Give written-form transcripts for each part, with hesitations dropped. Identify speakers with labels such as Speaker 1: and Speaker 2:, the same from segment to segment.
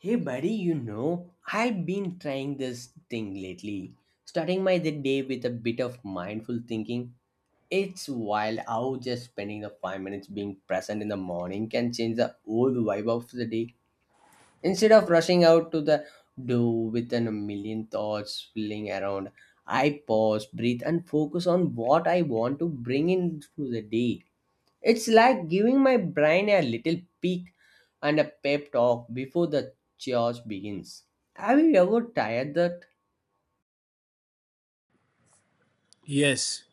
Speaker 1: Hey buddy, I've been trying this thing lately. Starting my the day with a bit of mindful thinking. It's wild how just spending the 5 minutes being present in the morning can change the whole vibe of the day. Instead of rushing out to the door with a million thoughts swirling around, I pause, breathe, and focus on what I want to bring into the day. It's like giving my brain a little peek and a pep talk before the chaos begins. Have you ever tried that?
Speaker 2: Yes,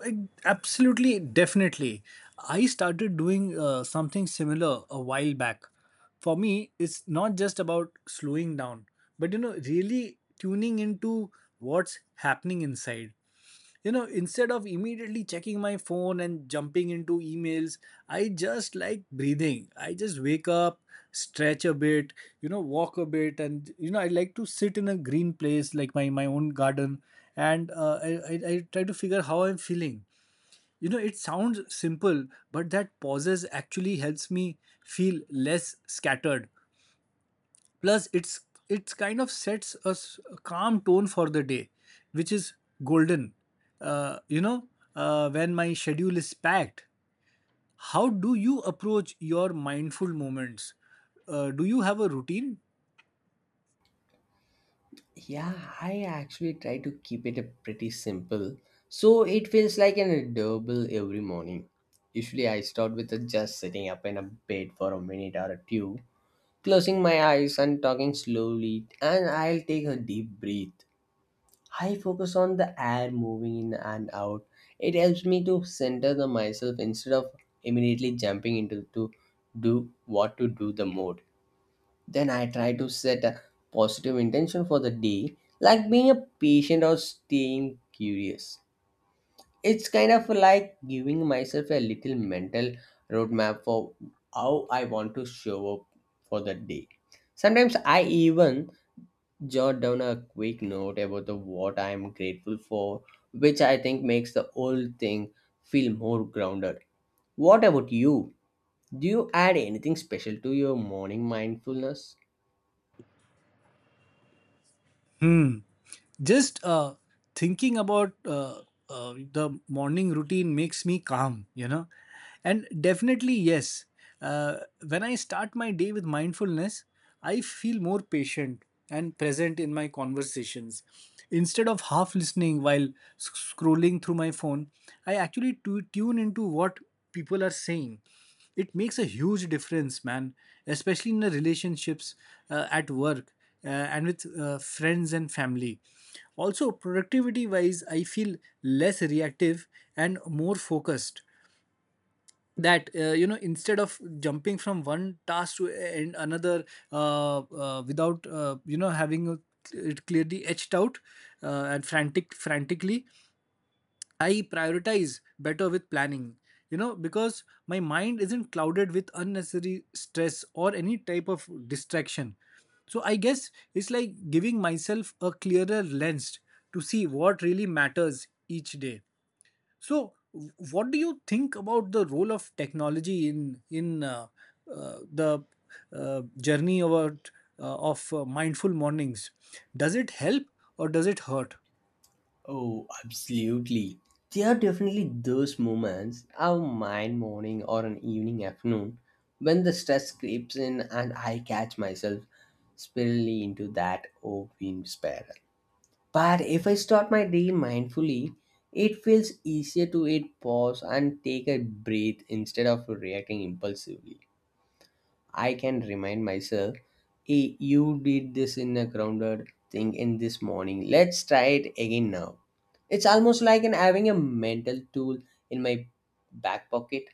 Speaker 2: like, absolutely, definitely. I started doing something similar a while back. For me, it's not just about slowing down, but really tuning into what's happening inside. Instead of immediately checking my phone and jumping into emails, I just like breathing. I just wake up, stretch a bit, walk a bit, and I like to sit in a green place like my own garden. And I try to figure how I'm feeling. It sounds simple, but that pauses actually helps me feel less scattered. Plus, it's kind of sets a calm tone for the day, which is golden. uh, you know when my schedule is packed, how do you approach your mindful moments? Do you have a routine?
Speaker 1: Yeah, I actually try to keep it a pretty simple. So it feels like an doable every morning. Usually I start with a just sitting up in a bed for a minute or a two, closing my eyes and talking slowly, and I'll take a deep breath. I focus on the air moving in and out. It helps me to center the myself instead of immediately jumping into to do what to do the mode. Then I try to set a positive intention for the day, like being a patient or staying curious. It's kind of like giving myself a little mental roadmap for how I want to show up for the day. Sometimes I even jot down a quick note about the what I am grateful for, which I think makes the whole thing feel more grounded. What about you? Do you add anything special to your morning mindfulness?
Speaker 2: Hmm. Just thinking about the morning routine makes me calm, and definitely yes. uh, when I start my day with mindfulness, I feel more patient and present in my conversations, instead of half listening while scrolling through my phone. I actually tune into what people are saying. It makes a huge difference, man, especially in the relationships, at work, and with friends and family. Also productivity wise, I feel less reactive and more focused. That you know Instead of jumping from one task to and another, without having a, it clearly etched out, and frantically I prioritize better with planning, because my mind isn't clouded with unnecessary stress or any type of distraction. So I guess it's like giving myself a clearer lens to see what really matters each day. So, what do you think about the role of technology in the journey of mindful mornings? Does it help or does it hurt?
Speaker 1: Oh, absolutely. There are definitely those moments, our mind morning or an evening afternoon, when the stress creeps in and I catch myself spiraling into that open spiral. But if I start my day mindfully, it feels easier to hit pause and take a breath instead of reacting impulsively. I can remind myself, hey, you did this in a grounded thing in this morning. Let's try it again now. It's almost like an having a mental tool in my back pocket.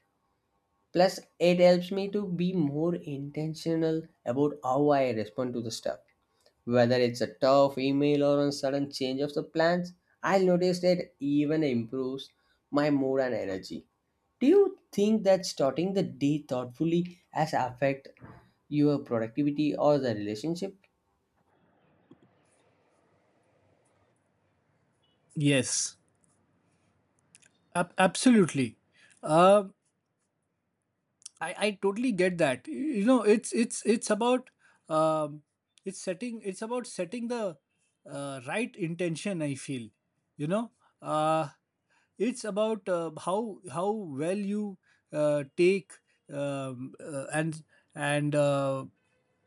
Speaker 1: Plus, it helps me to be more intentional about how I respond to the stuff, whether it's a tough email or a sudden change of the plans. I'll notice that even improves my mood and energy. Do you think that starting the day thoughtfully has affect your productivity or the relationship?
Speaker 2: Yes. Absolutely. Uh, I totally get that. You know, it's about um, it's about setting the right intention. I feel, you know, uh, it's about how well you take um, uh, and and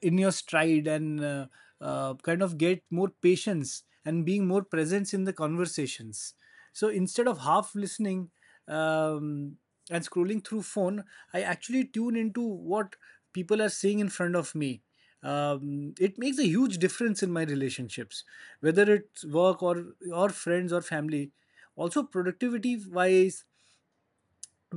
Speaker 2: in your stride, and kind of get more patience and being more presence in the conversations. So instead of half listening. Um, and scrolling through phone, I actually tune into what people are saying in front of me. It makes a huge difference in my relationships, whether it's work or friends or family. Also productivity wise,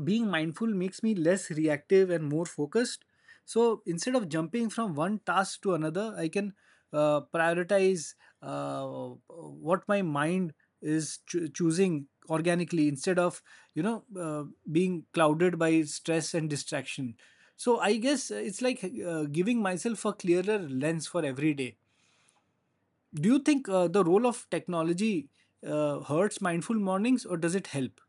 Speaker 2: being mindful makes me less reactive and more focused. So instead of jumping from one task to another, I can prioritize uh, what my mind is choosing organically, instead of you know uh, being clouded by stress and distraction. So I guess it's like giving myself a clearer lens for every day. Do you think the role of technology hurts mindful mornings, or does it help?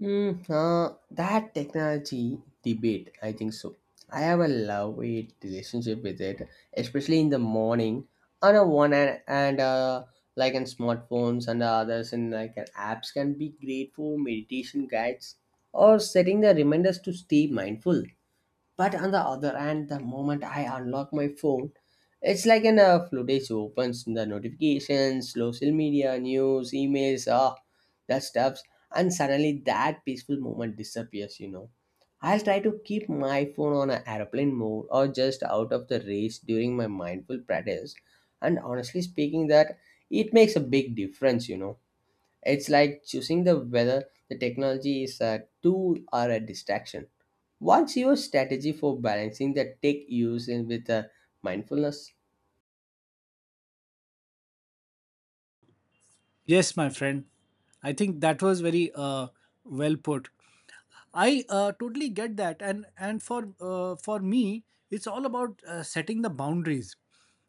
Speaker 1: That technology debate, I think so. I have a love hate relationship with it, especially in the morning. On a one hand, and like in smartphones and others, and like apps can be great for meditation guides or setting the reminders to stay mindful. But on the other hand, the moment I unlock my phone, it's like an floodgates opens the notifications, social media, news, emails, that stuffs, and suddenly that peaceful moment disappears. I'll try to keep my phone on an airplane mode or just out of the reach during my mindful practice. And honestly speaking, that it makes a big difference. It's like choosing the whether the technology is a tool or a distraction. What's your strategy for balancing the tech use in with the mindfulness?
Speaker 2: Yes, my friend. I think that was very well put. I totally get that, and for me, it's all about setting the boundaries.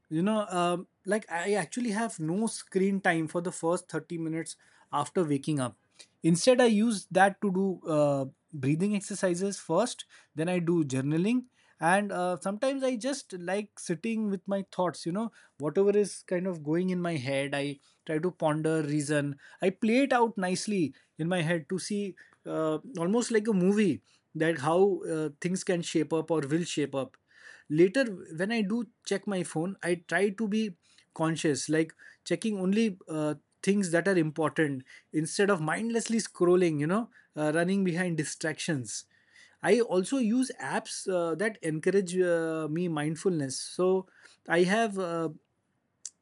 Speaker 2: You know, like I actually have no screen time for the first 30 minutes after waking up. Instead, I use that to do breathing exercises first. Then I do journaling, and sometimes I just like sitting with my thoughts. You know, whatever is kind of going in my head, I try to ponder, reason. I play it out nicely in my head to see, almost like a movie, that how things can shape up or will shape up later. When I do check my phone, I try to be conscious, like checking only things that are important, instead of mindlessly scrolling, running behind distractions. I also use apps that encourage me mindfulness. So I have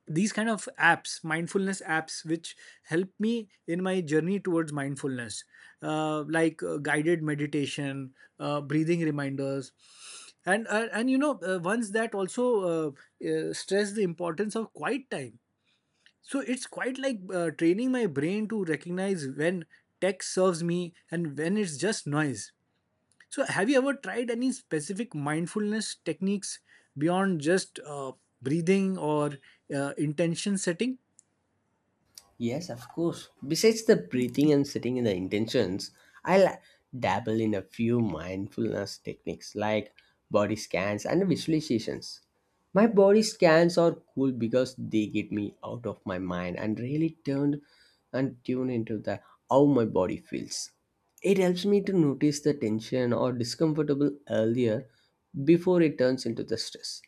Speaker 2: these kind of apps, mindfulness apps, which help me in my journey towards mindfulness, like guided meditation, breathing reminders, and once that also uh, stress the importance of quiet time. So it's quite like training my brain to recognize when tech serves me and when it's just noise. So, have you ever tried any specific mindfulness techniques beyond just breathing or intention setting?
Speaker 1: Yes, of course. Besides the breathing and sitting in the intentions, I'll dabble in a few mindfulness techniques like body scans and visualizations. My body scans are cool because they get me out of my mind and really turned and tune into the how my body feels. It helps me to notice the tension or discomfortable earlier before it turns into the stress.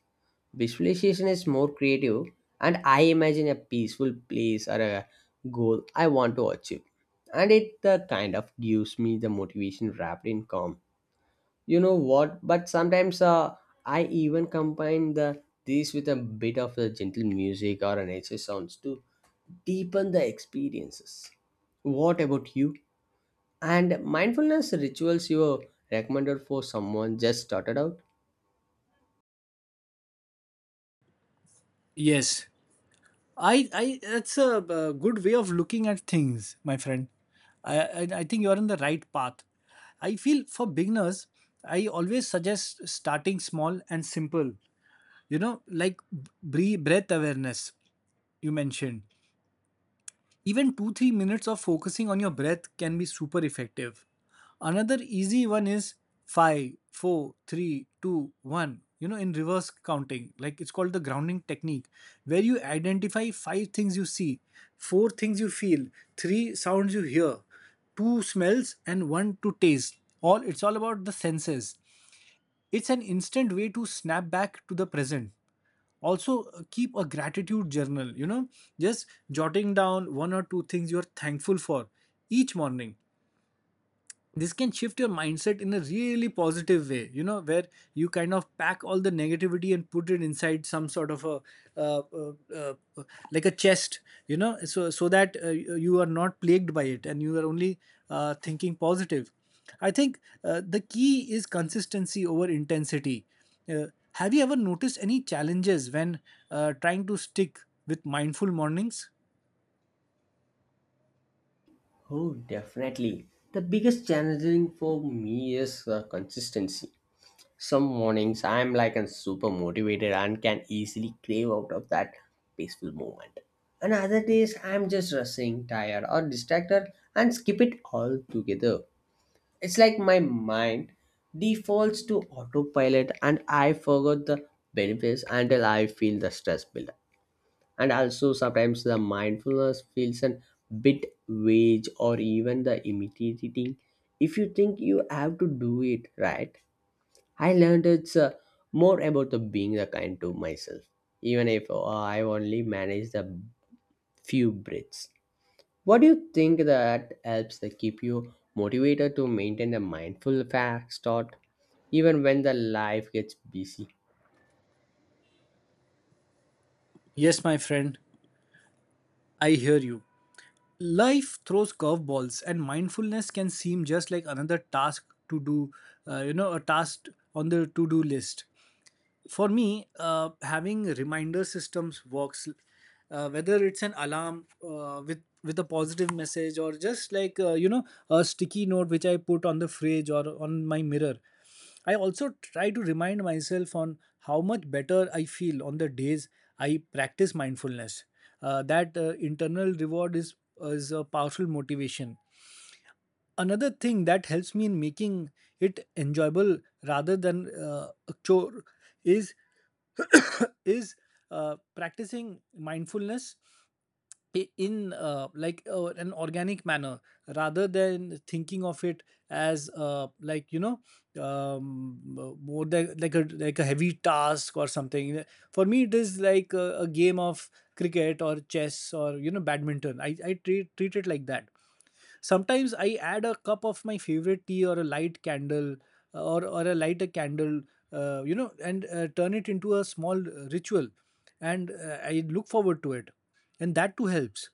Speaker 1: Visualization is more creative, and I imagine a peaceful place or a goal I want to achieve. And it kind of gives me the motivation wrapped in calm. You know what? But sometimes I even combine the these with a bit of the gentle music or a nature sounds to deepen the experiences. What about you? And mindfulness rituals you recommended for someone just started out?
Speaker 2: Yes. That's a, good way of looking at things, my friend. I think you're on the right path. I feel for beginners, I always suggest starting small and simple. You know, like breath awareness you mentioned. Even 2 3 minutes of focusing on your breath can be super effective. Another easy one is five, four, three, two, one, in reverse counting, like it's called the grounding technique, where you identify five things you see, four things you feel, three sounds you hear, two smells, and one to taste. All it's all about the senses. It's an instant way to snap back to the present. Also, keep a gratitude journal, just jotting down one or two things you're thankful for each morning. This can shift your mindset in a really positive way, where you kind of pack all the negativity and put it inside some sort of a, uh, uh, uh, uh, like a chest, so that you are not plagued by it, and you are only thinking positive. I think the key is consistency over intensity. uh, have you ever noticed any challenges when trying to stick with mindful mornings?
Speaker 1: Oh, definitely. The biggest challenging for me is consistency. Some mornings I'm like a super motivated and can easily crave out of that peaceful moment. And other days I'm just rushing, tired, or distracted and skip it all together. It's like my mind defaults to autopilot and I forgot the benefits until I feel the stress build. And also sometimes the mindfulness feels a bit vague or even the intimidating if you think you have to do it right. I learned it's more about the being the kind to myself, even if I only manage the few breaths. What do you think that helps to keep you motivated to maintain a mindful fast thought even when the life gets busy?
Speaker 2: Yes, my friend, I hear you. Life throws curveballs, and mindfulness can seem just like another task to do, a task on the to do list. For me, having reminder systems works, whether it's an alarm with a positive message, or just like, a sticky note which I put on the fridge or on my mirror. I also try to remind myself on how much better I feel on the days I practice mindfulness. That internal reward is a powerful motivation. Another thing that helps me in making it enjoyable rather than a chore is is practicing mindfulness in, like an organic manner, rather than thinking of it as, like, more than, like a heavy task or something. For me, it is like a game of cricket or chess or badminton. I treat it like that. Sometimes I add a cup of my favorite tea or a light candle, or a lighter candle, and turn it into a small ritual, and I look forward to it. And that too helps.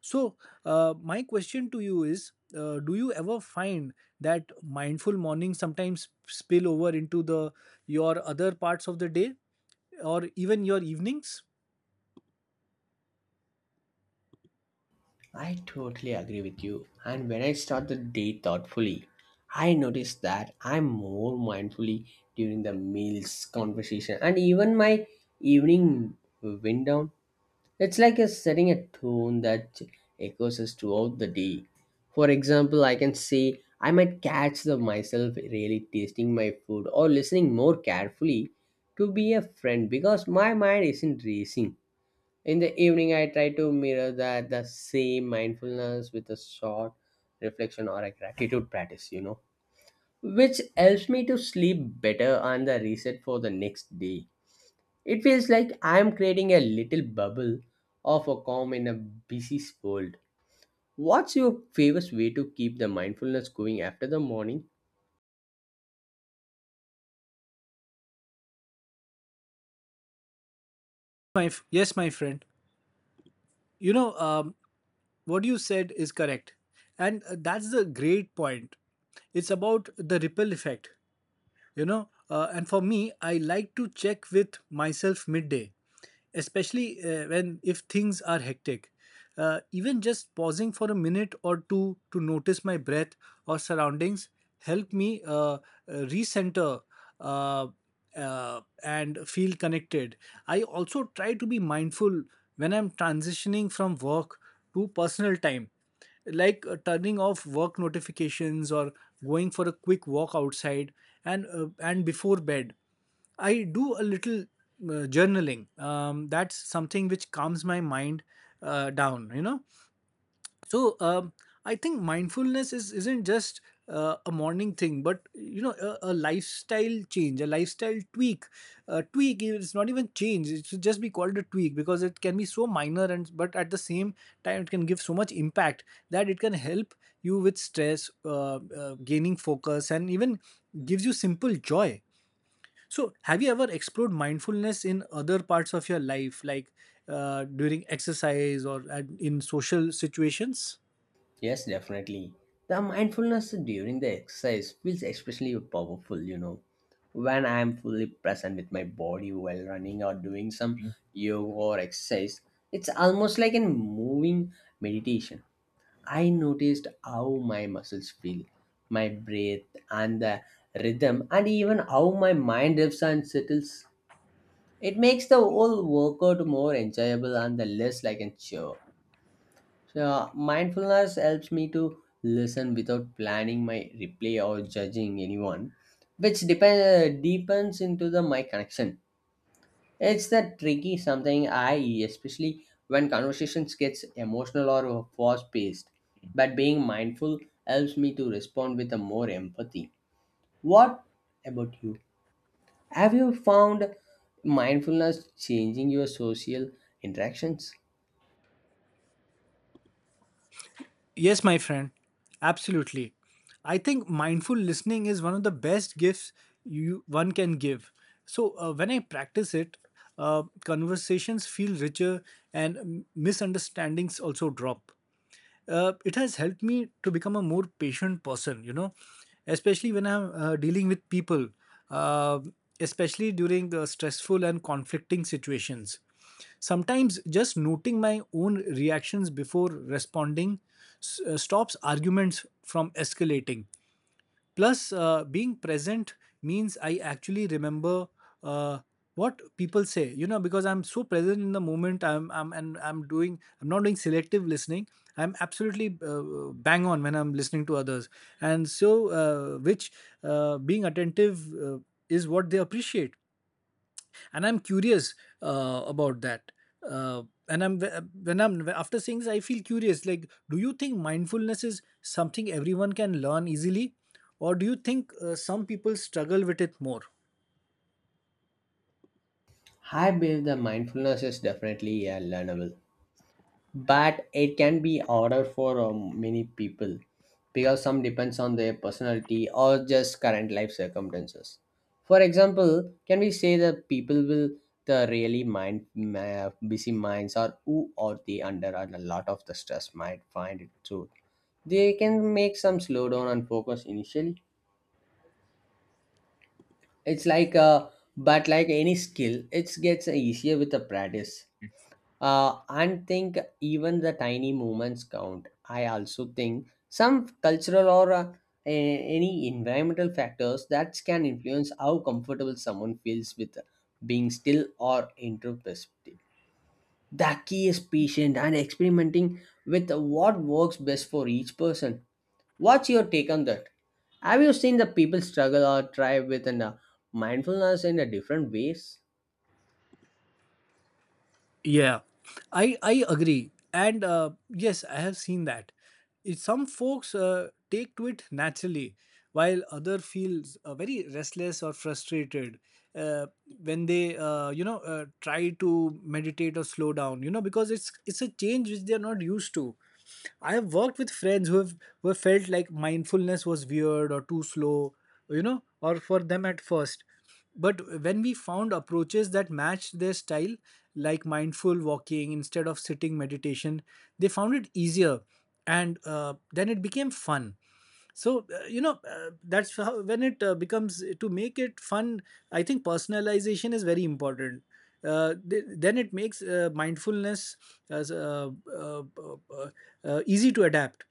Speaker 2: So my question to you is, do you ever find that mindful morning sometimes spill over into the your other parts of the day, or even your evenings?
Speaker 1: I totally agree with you. And when I start the day thoughtfully, I notice that I'm more mindfully during the meals, conversation, and even my evening wind down. It's like a setting a tone that echoes us throughout the day. For example, I can say I might catch the myself really tasting my food or listening more carefully to be a friend because my mind isn't racing. In the evening, I try to mirror that the same mindfulness with a short reflection or a gratitude practice, which helps me to sleep better and the reset for the next day. It feels like I am creating a little bubble of a calm in a busy world. What's your favorite way to keep the mindfulness going after the morning?
Speaker 2: Yes, my friend. you know um, what you said is correct, and that's the great point. It's about the ripple effect. And for me, I like to check with myself midday, especially when if things are hectic. Even just pausing for a minute or two to notice my breath or surroundings, help me recenter uh, and feel connected. I also try to be mindful when I'm transitioning from work to personal time, like turning off work notifications or going for a quick walk outside. And before bed, I do a little journaling. That's something which calms my mind down. So I think mindfulness is isn't just a morning thing, but a lifestyle change, a lifestyle tweak. A tweak is not even change, it should just be called a tweak, because it can be so minor, and but at the same time it can give so much impact, that it can help you with stress, gaining focus, and even gives you simple joy. So have you ever explored mindfulness in other parts of your life, like during exercise or in social situations?
Speaker 1: Yes, definitely. The mindfulness during the exercise feels especially powerful. When I am fully present with my body while running or doing some yoga or exercise, it's almost like a moving meditation. I noticed how my muscles feel, my breath, and the rhythm, and even how my mind drifts and settles. It makes the whole workout more enjoyable and the less like a chore. So, yeah, mindfulness helps me to listen without planning my replay or judging anyone, which deepens into the my connection. It's the tricky something I, especially when conversations gets emotional or fast paced. But being mindful helps me to respond with a more empathy. What about you? Have you found mindfulness changing your social interactions?
Speaker 2: Yes, my friend, absolutely. I think mindful listening is one of the best gifts you one can give. So when I practice it, conversations feel richer, and misunderstandings also drop. It has helped me to become a more patient person, you know, especially when I'm dealing with people, uh, especially during stressful and conflicting situations. Sometimes just noting my own reactions before responding stops arguments from escalating. Plus, being present means I actually remember uh, what people say. You know, because I'm so present in the moment, I'm doing. I'm not doing selective listening. I'm absolutely bang on when I'm listening to others, and which being attentive is what they appreciate. And I'm curious about that. And I'm when I'm After seeing this, I feel curious, like, do you think mindfulness is something everyone can learn easily, or do you think some people struggle with it more?
Speaker 1: I believe that mindfulness is definitely a learnable. But it can be harder for many people, because some depends on their personality or just current life circumstances. For example, can we say that people will the really mind busy minds, or who are they under a lot of the stress might find it too. They can make some slowdown and focus initially. It's like but like any skill it gets easier with the practice. And think even the tiny movements count. I also think some cultural or any environmental factors that can influence how comfortable someone feels with being still or introspective. The key is patient and experimenting with what works best for each person. What's your take on that? Have you seen the people struggle or try with mindfulness in a different ways?
Speaker 2: Yeah, I agree, and yes, I have seen that. Some folks take to it naturally, while other feels very restless or frustrated uh, when they try to meditate or slow down. You know, because it's a change which they are not used to. I have worked with friends who have felt like mindfulness was weird or too slow, you know, or for them at first. But when we found approaches that matched their style, like mindful walking instead of sitting meditation, they found it easier, and then it became fun. So, that's how when it becomes to make it fun, I think personalization is very important. Then it makes mindfulness as, uh, uh, uh, easy to adapt.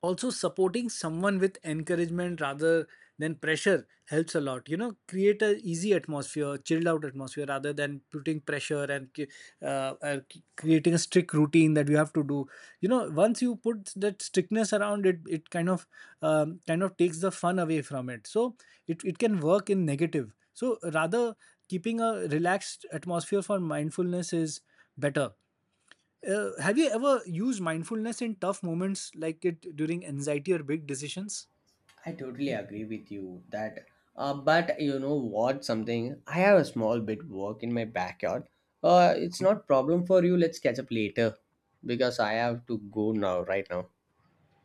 Speaker 2: Also, supporting someone with encouragement rather than pressure helps a lot, create a easy atmosphere, chilled out atmosphere, rather than putting pressure, and uh, uh, creating a strict routine that you have to do. Once you put that strictness around it kind of takes the fun away from it. So it can work in negative, so rather keeping a relaxed atmosphere for mindfulness is better. Have you ever used mindfulness in tough moments, like it during anxiety or big decisions?
Speaker 1: I totally agree with you that, but you know what? Something I have a small bit work in my backyard. It's not problem for you. Let's catch up later, because I have to go now. Right now,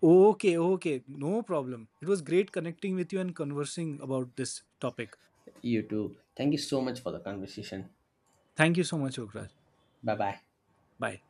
Speaker 2: Okay, okay, no problem. It was great connecting with you and conversing about this topic.
Speaker 1: you too. Thank you so much for the conversation.
Speaker 2: Thank you so much, Okraj.
Speaker 1: Bye bye.
Speaker 2: Bye.